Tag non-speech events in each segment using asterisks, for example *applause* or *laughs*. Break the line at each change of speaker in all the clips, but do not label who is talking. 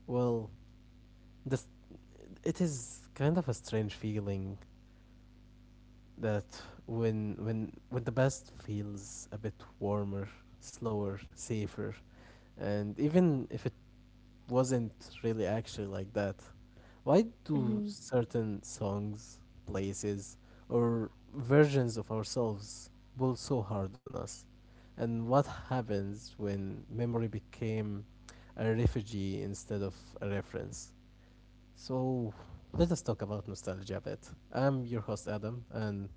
Well, this it is kind of a strange feeling that when the past feels a bit warmer, slower, safer, and even if it wasn't really actually like that. Why do
hmm
certain songs, places, or versions of ourselves pull so hard on us? And what happens when memory became a refugee instead of a reference? So let us talk about nostalgia a bit. I'm your host Adam, and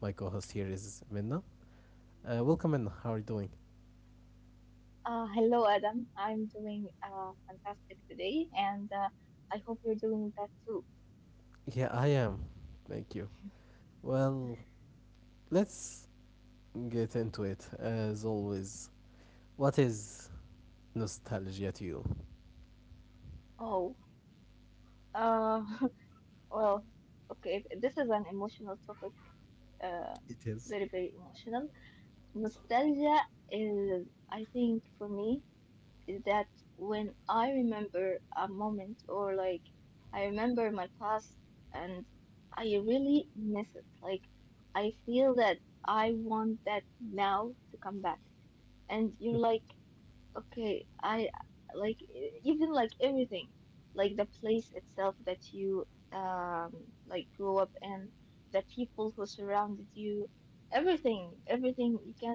my co-host here is Minna. Welcome, Minna. How are you doing?
Hello, Adam. I'm doing fantastic today, and I hope you're doing that too.
Yeah, I am. Thank you. Well, let's Get into it as always. What is nostalgia to you?
Oh, uh, *laughs* well, okay. This is an emotional topic, uh,
It is.
very, very emotional. Nostalgia is, I think, for me, is that when I remember a moment or like I remember my past and I really miss it. Like, I feel that I want that now to come back. And you're like,
*laughs*
okay, I like even like everything, like the place itself that you like grew up in, the people who surrounded you, everything, everything you can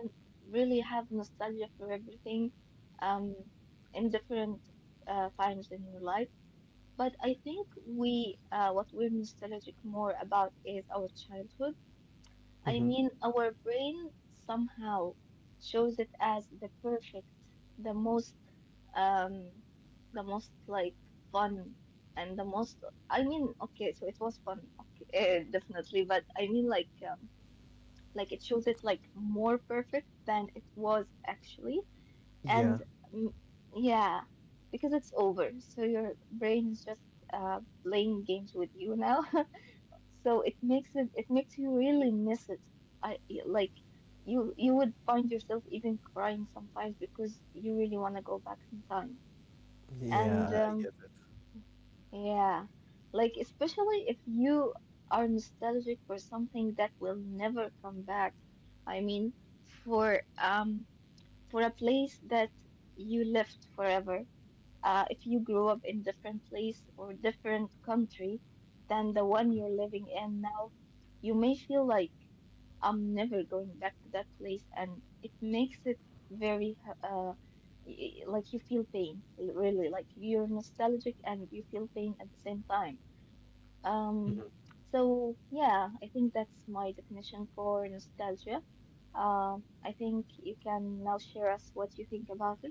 really have nostalgia for everything, um, in different times in your life. But I think we what we're nostalgic more about is our childhood. I
Mm-hmm.
mean, our brain somehow shows it as the perfect, the most, um, the most like fun and the most. I mean, okay, so it was fun, okay, *laughs* definitely, but I mean, like it shows it like more perfect than it was actually,
Yeah,
and mm, yeah, because it's over, so your brain is just playing games with you now, *laughs* So it makes you really miss it. I like you would find yourself even crying sometimes because you really want to go back in time. And
yeah, I get it.
yeah, like especially if you are nostalgic for something that will never come back. I mean, for for a place that you left forever. If you grew up in different place or different country than the one you're living in now, you may feel like I'm never going back to that place, and it makes it very like you feel pain, really, like you're nostalgic and you feel pain at the same time. Um, so yeah, I think that's my definition for nostalgia. I think you can now share us what you think about it.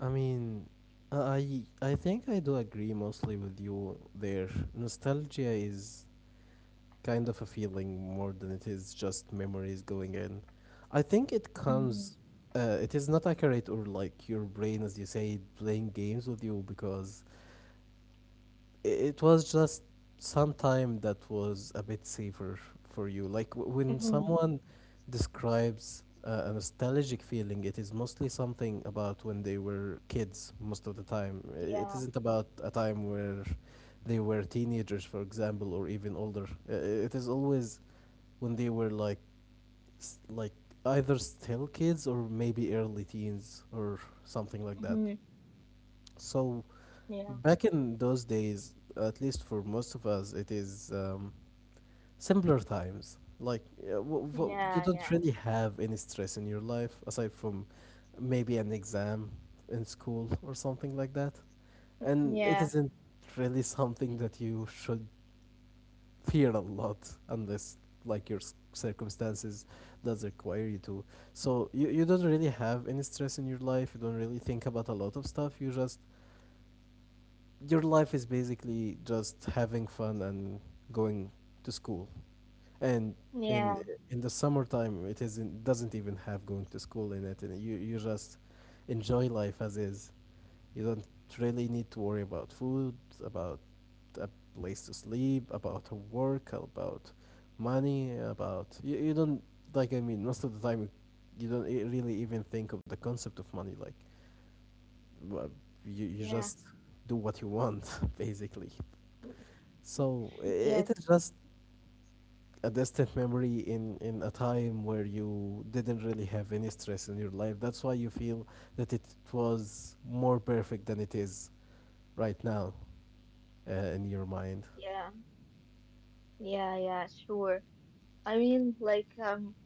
I mean, I think I do agree mostly with you there. Nostalgia is kind of a feeling more than it is just memories going in. I think it
Mm-hmm.
comes. It is not accurate or like your brain, as you say, playing games with you because it was just some time that was a bit safer for you. Like when
Mm-hmm.
someone describes a nostalgic feeling, it is mostly something about when they were kids most of the time. It
Yeah.
isn't about a time where they were teenagers, for example, or even older. It is always when they were like like either still kids or maybe early teens or something like that.
Mm-hmm.
So
Yeah,
Back in those days, at least for most of us, it is simpler times. Like, you
yeah,
don't
yeah,
really have any stress in your life aside from maybe an exam in school or something like that. And it
yeah,
isn't really something that you should fear a lot unless, like, your circumstances does require you to. So you don't really have any stress in your life. You don't really think about a lot of stuff. You just your life is basically just having fun and going to school. And in
yeah,
in the summertime, it isn't doesn't even have going to school in it, and you just enjoy life as is. You don't really need to worry about food, about a place to sleep, about work, about money, you don't like. I mean, most of the time, you don't really even think of the concept of money. Like, wha- you you
yeah,
just do what you want, *laughs* basically. So it
yes,
is just a distant memory in a time where you didn't really have any stress in your life. That's why you feel that it was more perfect than it is right now in your mind.
yeah, yeah, yeah, sure. I mean,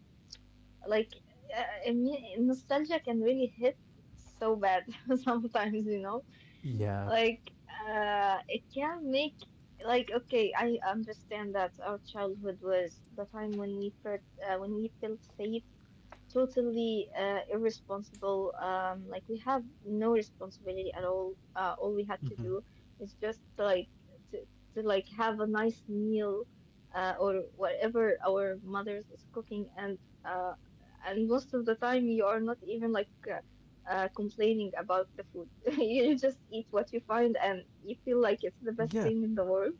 like, I mean, nostalgia can really hit so bad *laughs* sometimes, you know?
Yeah.
Like, it can make, like, okay, I understand that our childhood was the time when we felt safe, totally irresponsible. Like we have no responsibility at all. All we had to do is just like to like have a nice meal, or whatever our mothers is cooking, uh, and most of the time you are not even like complaining about the food. *laughs* You just eat what you find, and you feel like it's the best thing in the world.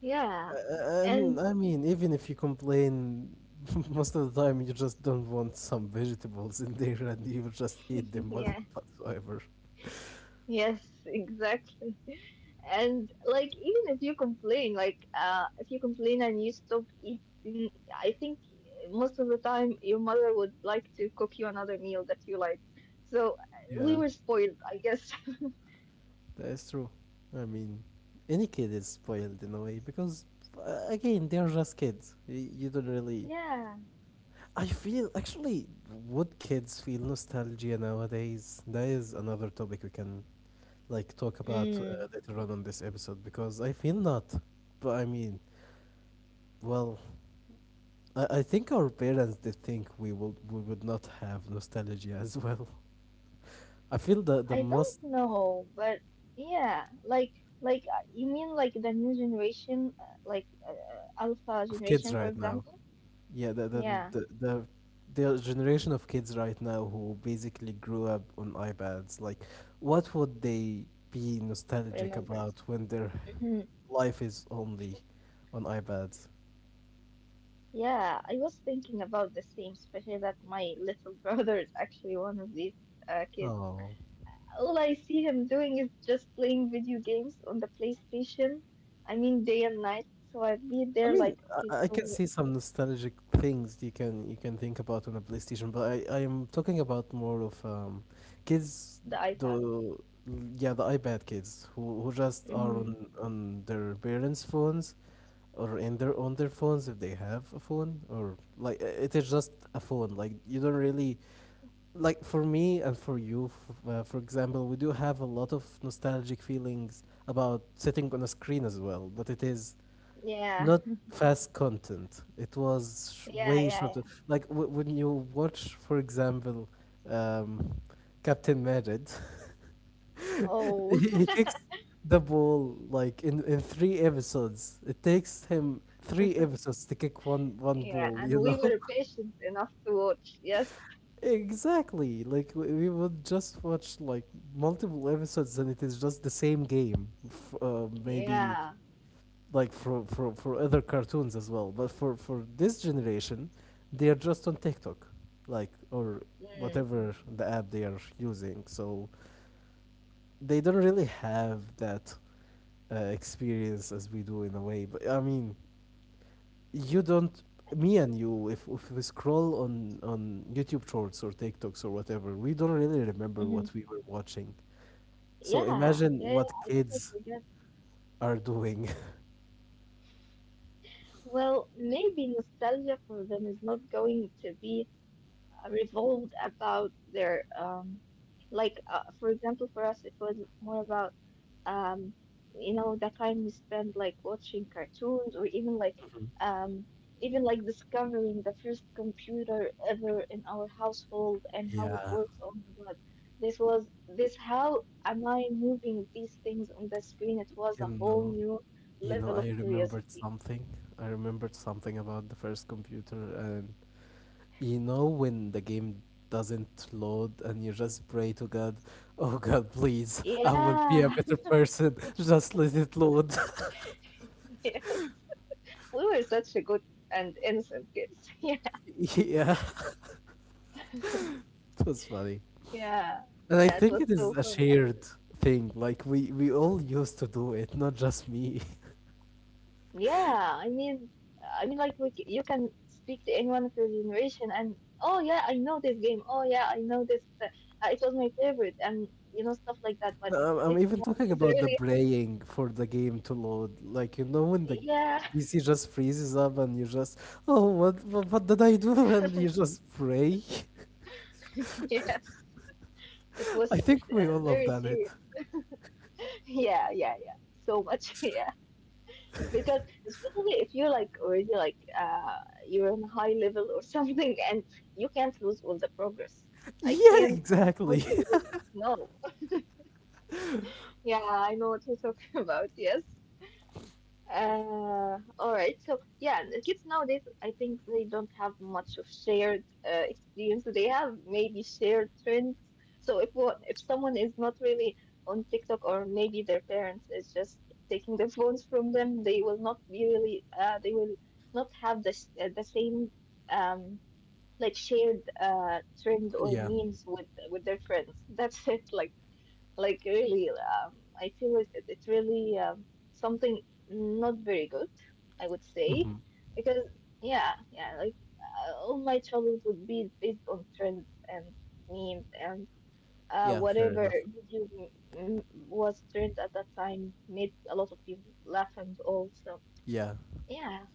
Yeah,
And
and
I mean, even if you complain, *laughs* most of the time you just don't want some vegetables in there and you just eat
*laughs*
them
yeah.
whatsoever. *laughs*
Yes, *laughs* exactly. And like even if you complain, like if you complain and you stop eating, I think most of the time your mother would like to cook you another meal that you like. So we
Yeah.
were spoiled, I guess. *laughs*
That is true. I mean, any kid is spoiled in a way because, again, they're just kids. You don't really.
Yeah.
I feel actually, would kids feel nostalgia nowadays? That is another topic we can like talk about
Mm.
later on this episode because I feel not. But I mean, well, I think our parents did think we would not have nostalgia as well. I feel the
I
most
don't know, but yeah, like you mean like the new generation, alpha
of kids
generation, for
right now.
example?
Yeah, the the
Yeah,
the the the generation of kids right now who basically grew up on iPads, like, what would they be nostalgic
remember.
about when their life is only on iPads?
Yeah, I was thinking about the same, especially that my little *laughs* brother is actually one of these kids.
Oh.
All I see him doing is just playing video games on the PlayStation. I mean, day and night. So I'd be
I
there
mean,
like, okay,
I can
so
see some nostalgic things you can think about on a PlayStation, but I am talking about more of kids,
the iPad.
the yeah the iPad kids who just are
hmm
on their parents' phones or in their on their phones if they have a phone or like it is just a phone. Like you don't really like for me and for you, for example, we do have a lot of nostalgic feelings about sitting on a screen as well, but it is
Yeah,
not fast content. It was
yeah,
way
yeah, yeah.
shorter. Like when you watch, for example, um, Captain Madrid, *laughs*
Oh,
he kicks the ball like in 3 episodes. It takes him 3 episodes to kick
*laughs*
one
yeah.
ball. You
And we
know.
were
*laughs*
patient enough to watch. Yes.
Exactly. Like we would just watch like multiple episodes, and it is just the same game. Maybe
Yeah.
like for other cartoons as well. But for this generation, they are just on TikTok, like or
Mm.
whatever the app they are using. So they don't really have that experience as we do in a way. But I mean, you don't. Me and you, if we scroll on YouTube Shorts or TikToks or whatever, we don't really remember what
hmm
we were watching. So
Yeah.
imagine
Yeah. Yeah,
what
I totally
kids
forget.
are doing.
Well, maybe nostalgia for them is not going to be revolved about their like for example for us it was more about um you know the time we spent like watching cartoons or um even like discovering the first computer ever in our household and
*laughs*
how it
yeah.
works. Oh my God. This was this how am I moving these things on the screen? It was
You
a whole
know,
new
you know,
level of
I remembered
curiosity.
something. I remembered something about the first computer, and you know, when the game doesn't load, and you just pray to God, *laughs* "Oh God, please, I will be a
Yeah,
better person. *laughs* Just let it load." *laughs*
*laughs* Yes, we were such a good and innocent kids. *laughs*
Yeah, it was funny.
Yeah, yeah,
And I
yeah. It
think
was
it is
so
a
funny,
shared
actually.
thing. Like we all used to do it, not just me. *laughs*
Yeah, I mean, I mean, like, c- you can speak to anyone of your generation, and oh yeah, I know this game. Oh yeah, I know this. Uh, it was my favorite, and you know stuff like that. But
I'm
kids *laughs*
even talking
it's
about the
really,
playing for the game to load. Like, you know, when the
yeah,
PC just freezes up and you just, oh, what did I do? *laughs* And you
*laughs*
just pray.
yes. It
*laughs* I
was
think we all have
very
done it.
serious. *laughs* Yeah, yeah, yeah. So much. *laughs* Yeah. Because especially if you like already like you're on a high level or *laughs* something and you can't lose all the progress. I
Yeah,
can't
exactly.
afford to
*laughs*
lose it, no. *laughs* Yeah, I know what you're talking *laughs* about, yes. All right. So yeah, the kids nowadays, I think they don't have much of shared experience. They have maybe shared trends. So if someone is not really on TikTok or maybe their parents is just taking their phones from them, they will not be really they will not have the the same um like shared trend or
Yeah.
memes with their friends. *laughs* That's it. Like really, I feel it's really something not very good, I would say,
hmm
because yeah, yeah, like all my childhood would be based on trends and memes and
Yeah, fair
whatever
enough.
video was trends at that time made a lot of people laugh and also
Yeah.
yeah,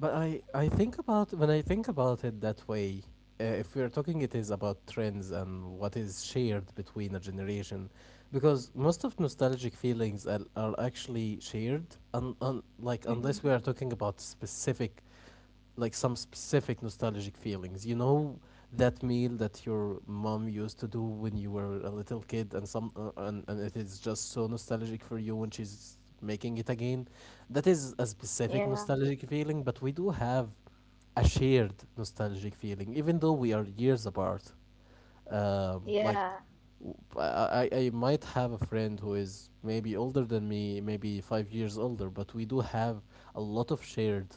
But I think about when I think about it that way, if we're talking, it is about trends and what is shared between a generation, because most of nostalgic feelings are actually shared, like unless
hmm
we are talking about specific like some specific nostalgic feelings. You know that meal that your mom used to do when you were a little kid, and some and it is just so nostalgic for you when she's making it again. That is a specific
yeah,
nostalgic feeling, but we do have a shared nostalgic feeling, even though we are years apart like
yeah,
I might have a friend who is maybe older than me, maybe 5 years older, but we do have a lot of shared,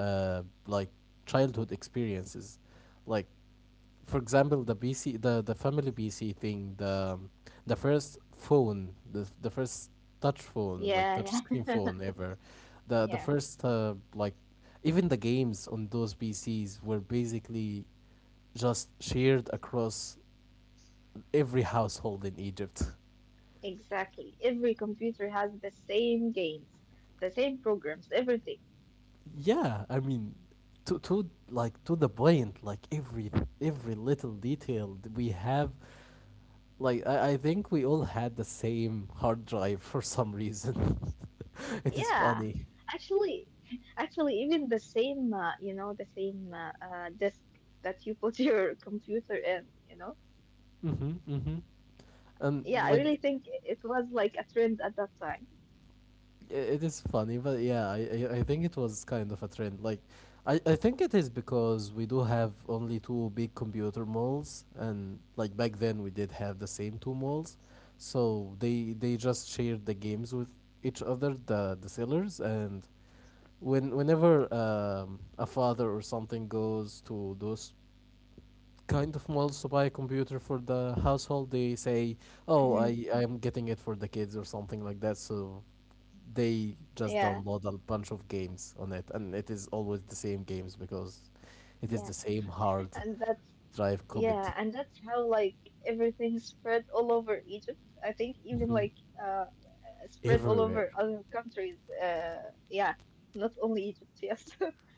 like childhood experiences, like for example the family BC thing the first phone the first touch phone like
yeah,
touch
yeah.
screen
*laughs*
phone ever, the
Yeah,
first like even the games on those PC's were basically just shared across every household in Egypt.
exactly. Every computer has the same games, the same programs, everything.
Yeah, I mean, to like to the point, like every little detail that we have. Like I think we all had the same hard drive for some reason. *laughs* it is
Yeah,
funny.
actually, actually, even the same, you know, the same disk that you put *laughs* your computer in, you know.
Mhm, mhm. And
Yeah, I
like
really think it was like a trend at that time.
it is funny, but yeah, I think it was kind of a trend. Like, I think it is because we do have only two big computer malls, and like back then we did have the same two malls, so they just shared the games with each other, the sellers, and whenever a father or something goes to those kind of wants to buy a computer for the household, they say, "Oh,
hmm
I am getting it for the kids or something like that." So they just
Yeah,
download a bunch of games on it, and it is always the same games because it is
yeah,
the same hard
and *laughs* that's
drive copied
yeah, and that's how like everything spread all over Egypt. I think even like spread all
everywhere.
over other countries. Yeah, not only Egypt. Yes,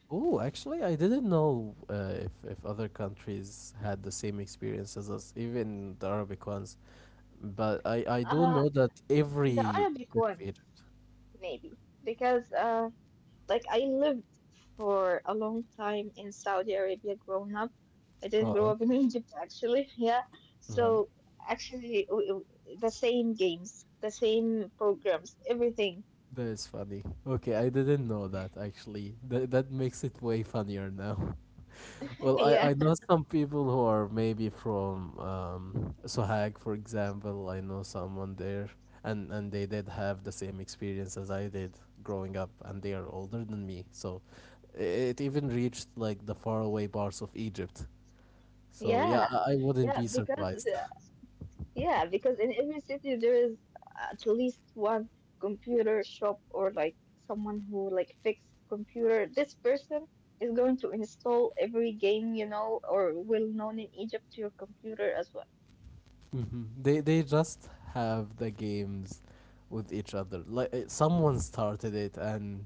Oh, actually, I didn't know if other countries had the same experience as us, even the Arabic ones. But I
*laughs*
do
uh,
know that
the
every
Arabic
bit of Egypt.
ones maybe because like I lived for a long time in Saudi Arabia growing up. I didn't
Oh,
grow up in
okay.
*laughs* Egypt actually. Yeah.
Mhm.
So actually the same games, the same programs, everything.
That is funny. Okay, I didn't know that actually. That that makes it way funnier now. *laughs*
*laughs*
Well,
Yeah.
I know some people who are maybe from Sohag, for example. I know someone there, and they did have the same experience as I did growing up, and they are older than me. So, it even reached like the faraway parts of Egypt. So yeah,
Yeah.
I wouldn't
Yeah,
be
because
surprised. *laughs*
uh, yeah, because in every city there is at least one computer shop or like someone who like fix computer. This person is going to install every game, you know, or well known in Egypt to your computer as well.
hmm they just have the games with each other. Like someone started it, and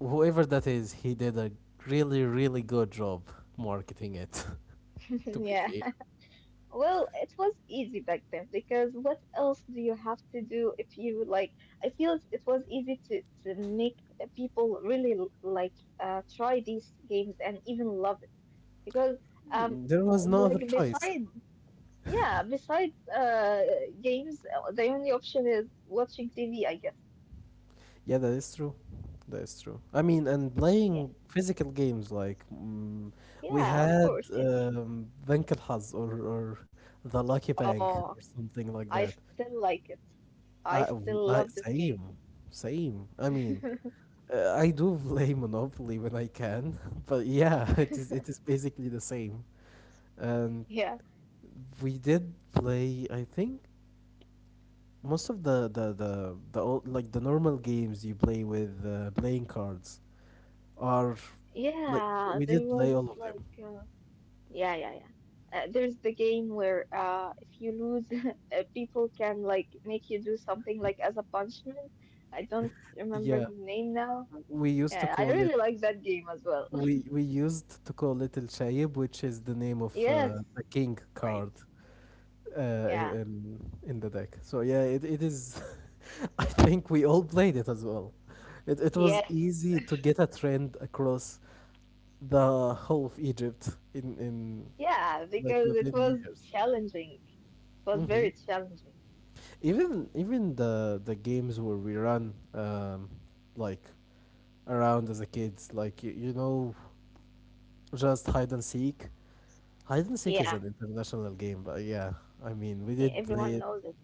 whoever that is, he did a really really good job marketing it.
*laughs*
*laughs* to be
Yeah.
fair,
Well, it was easy back then because what else do you have to do if you like? I feel it was easy to make people really like try these games and even love it because um
there was no other
like
choice.
besides
*laughs*
yeah besides games the only option is watching TV I guess.
Yeah, that is true. That is true. I mean, and
Yeah.
playing physical games like mm, we
Yeah, of
had
course, yeah.
Bank الحظ or the Lucky Bank or
Oh,
something like
I
that.
still like it. I still love this
Same,
game.
same. I mean, I do play Monopoly when I can, *laughs* but yeah, *laughs* it is basically the same. And
*laughs* Yeah.
we did play, I think, most of the old, like the normal games you play with playing cards are like
Yeah,
we
there
did play
was
all of them.
like yeah, yeah, yeah. There's the game where if you lose, *laughs* people can like make you do something like as a punishment. I don't remember
Yeah,
the name now.
we used to
Yeah, I
call it
really like that game as well. *laughs*
we used to call it El Shaib, which is the name of
Yes,
the king
right.
card.
Yeah,
In the deck. So yeah, it is. *laughs* I think we all played it as well. It was
yes.
easy to get a trend across the whole of Egypt in
*laughs* Yeah,
like
because it
within
was
years.
challenging. It was
Hmm
very challenging.
Even the games where we run like around as a kids, like you know, just hide and seek. Hide and seek is
Yeah,
an international game, but yeah, I mean we
e-
did play
everyone
it.
knows it.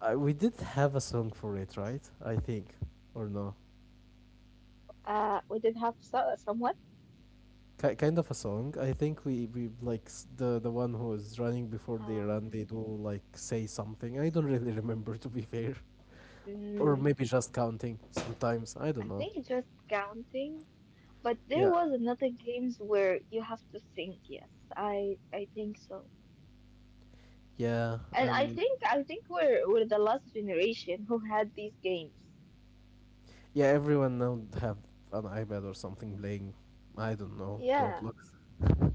I we did have a song for it, right? I think, or no?
We did have so somewhat.
Ki kind of a song. I think we like the one who is running before they run.
Uh,
They do like say something. I don't really *laughs* remember to be fair, or
mm,
maybe just counting sometimes. I don't
I
know.
think just counting, but there
Yeah,
was another games where you have to think. Yes, I think so.
yeah,
And I
and
think I think we're the last generation who had these games.
yeah. Everyone now have an iPad or something playing. I don't know,
Yeah,
Roblox. *laughs*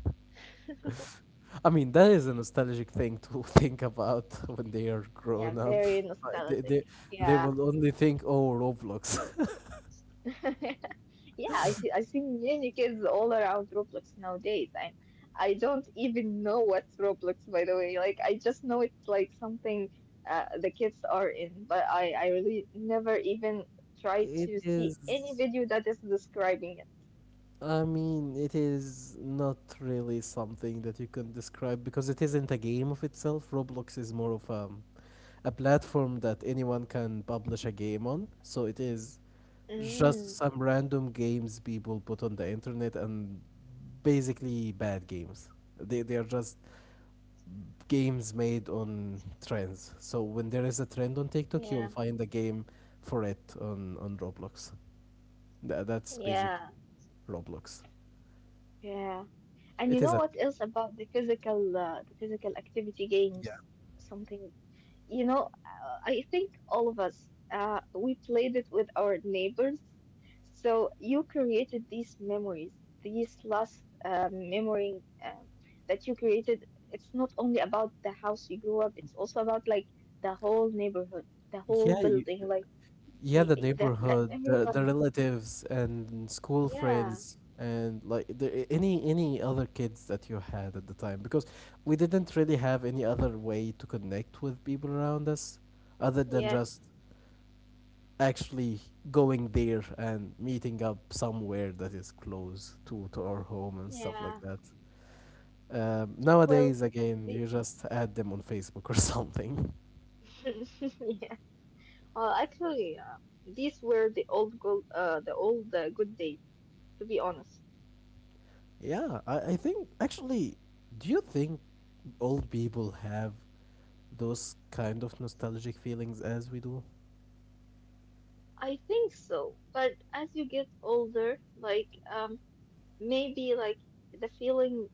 I mean, that is a nostalgic thing to *laughs* think about when they are
yeah,
grown up.
very
Like,
nostalgic.
they
Yeah.
will only think, oh, Roblox. *laughs*
*laughs* Yeah, I see many kids all around Roblox nowadays, and I don't even know what's Roblox, by the way. Like, I just know it's like something the kids are in, but I really never even try
It
to see any
is,
video that is describing it.
I mean, it is not really something that you can describe because it isn't a game of itself. Roblox is more of a platform that anyone can publish a game on. So it is just
Mm,
some random games people put on the internet and basically bad games. They are just games made on trends. So when there is a trend on TikTok, you'll
yeah,
find a game for it on Roblox. That's basically
yeah,
Roblox.
yeah. And
It
you
is
know
a
what else about the physical activity
yeah.
games? Something. You know, I think all of us, we played it with our neighbors. So you created these memories, these last memory that you created. It's not only about the house you grew up, it's also about like the whole neighborhood, the whole
Yeah,
building, like
yeah, the
that, that
neighborhood, the
everyone.
relatives and school
Yeah,
friends and like any other kids that you had at the time because we didn't really have any other way to connect with people around us other than
yes,
just actually going there and meeting up somewhere that is close to our home and stuff like
yeah.
that.
Well,
Nowadays, again,
the
you just add them on Facebook or *laughs* something.
*laughs* yeah. Well, actually, these were the old gold, the old good days. To be honest.
Yeah, I think actually, do you think old people have those kind of nostalgic feelings as we do?
I think so, but as you get older, maybe like the feeling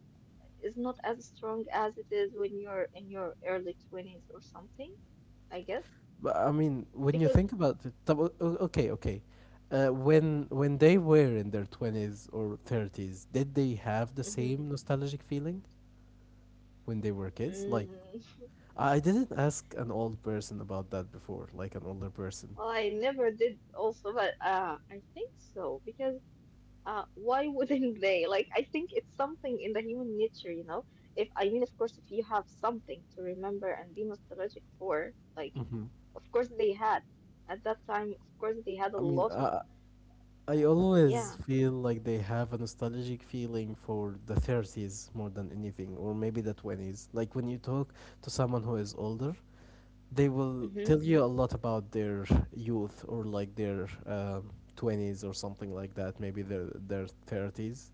is not as strong as it is when you're in your early 20s or something, I guess.
But I mean, when you
Because
think about it, طب okay, okay. When they were in their 20s or 30s, did they have the
mhm,
same nostalgic feeling when they were kids? Like,
mm,
I didn't ask an old person about that before, like an older
*laughs*
person.
well, I never did also, but I think so because why wouldn't they? Like, I think it's something in the human nature, you know. If I mean, of course, if you have something to remember and be nostalgic for, like of course they had. At that time, of course they had
I
a
mean,
lot of
I always
yeah.
feel like they have a nostalgic feeling for the 30s more than anything, or maybe the 20s. Like when you talk to someone who is older, they will
hmm
tell you a lot about their youth or like their 20s or something like that, maybe their 30s.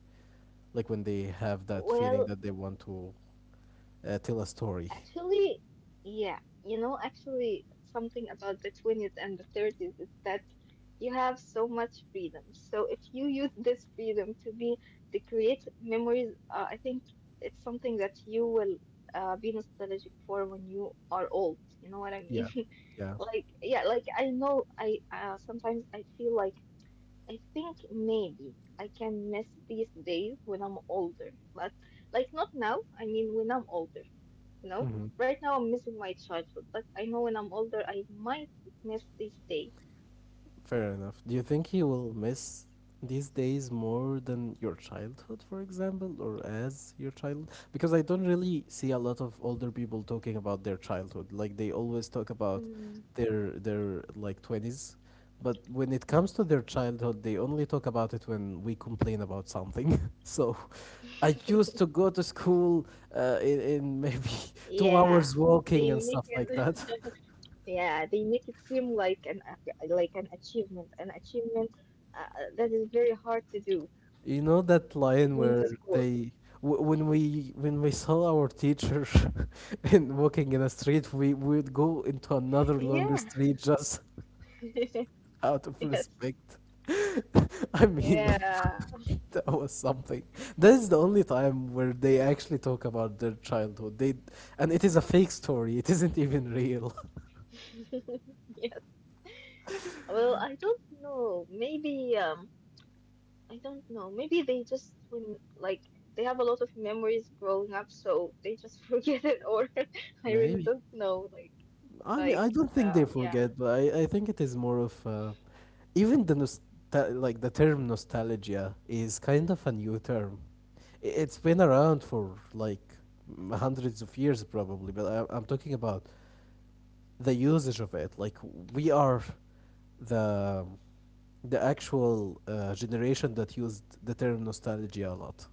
Like when they have that feeling
Well,
that they want to tell a story.
actually, yeah. You know, actually something about the 20s and the 30s is that you have so much freedom. So if you use this freedom to be to create memories, I think it's something that you will be nostalgic for when you are old. You know what I
Yeah.
mean? *laughs*
Yeah.
Like yeah, like I know I sometimes I feel like I think maybe I can miss these days when I'm older, but like not now. I mean, when I'm older, you know.
hmm
Right now, I'm missing my childhood, but I know when I'm older, I might miss these days.
Fair enough. Do you think you will miss these days more than your childhood, for example, or as your child? Because I don't really see a lot of older people talking about their childhood. Like they always talk about
Mm,
their like twenties, but when it comes to their childhood, they only talk about it when we complain about something. *laughs* So, I used to go to school in, maybe *laughs* 2 hours
yeah,
walking and
they make
stuff like
it.
that. *laughs*
*laughs* Yeah, they make it seem like like an achievement uh, that is very hard to do,
You know that
like
line
going
where
to school.
they when we saw our teacher *laughs* in walking in a street, we would go into another longer
Yeah.
street just *laughs* out
*laughs*
of
Yes.
respect. *laughs* I mean,
Yeah.
*laughs* that was something. That is the only time where they actually talk about their childhood. They and it is a fake story. It isn't even real.
*laughs* Yes. Well, I don't know. Maybe I don't know. Maybe they just when like they have a lot of memories growing up, so they just *laughs* forget it. Or *laughs*
*laughs*
I really
Maybe.
don't know. Like
I mean, I don't think they
yeah,
forget, but I think it is more of even the nostal like the term nostalgia is kind of a new term. I- It's been around for like hundreds of years probably, but I'm talking about the usage of it. Like we are the the actual generation that used the term nostalgia a lot.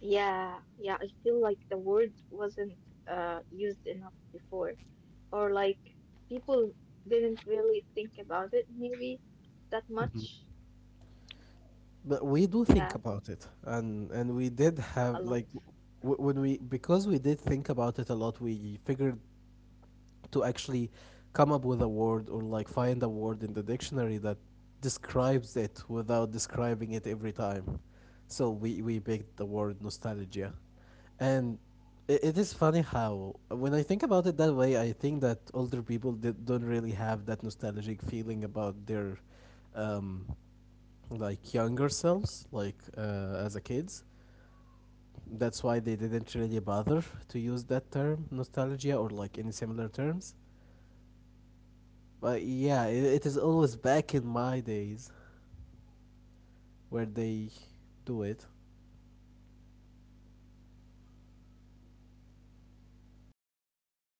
yeah, yeah. I feel like the word wasn't used enough before, or like people didn't really think about it maybe that much.
But we do think
Yeah,
about it, and we did have
a
like
lot.
when we because we did think about it a lot, we figured to actually come up with a word or like find a word in the dictionary that describes it without describing it every time. So we picked the word nostalgia, and it is funny how when I think about it that way, I think that older people don't really have that nostalgic feeling about their um, like younger selves, like as a kids. That's why they didn't really bother to use that term nostalgia or like any similar terms. But yeah, it is always back in my days where they do it.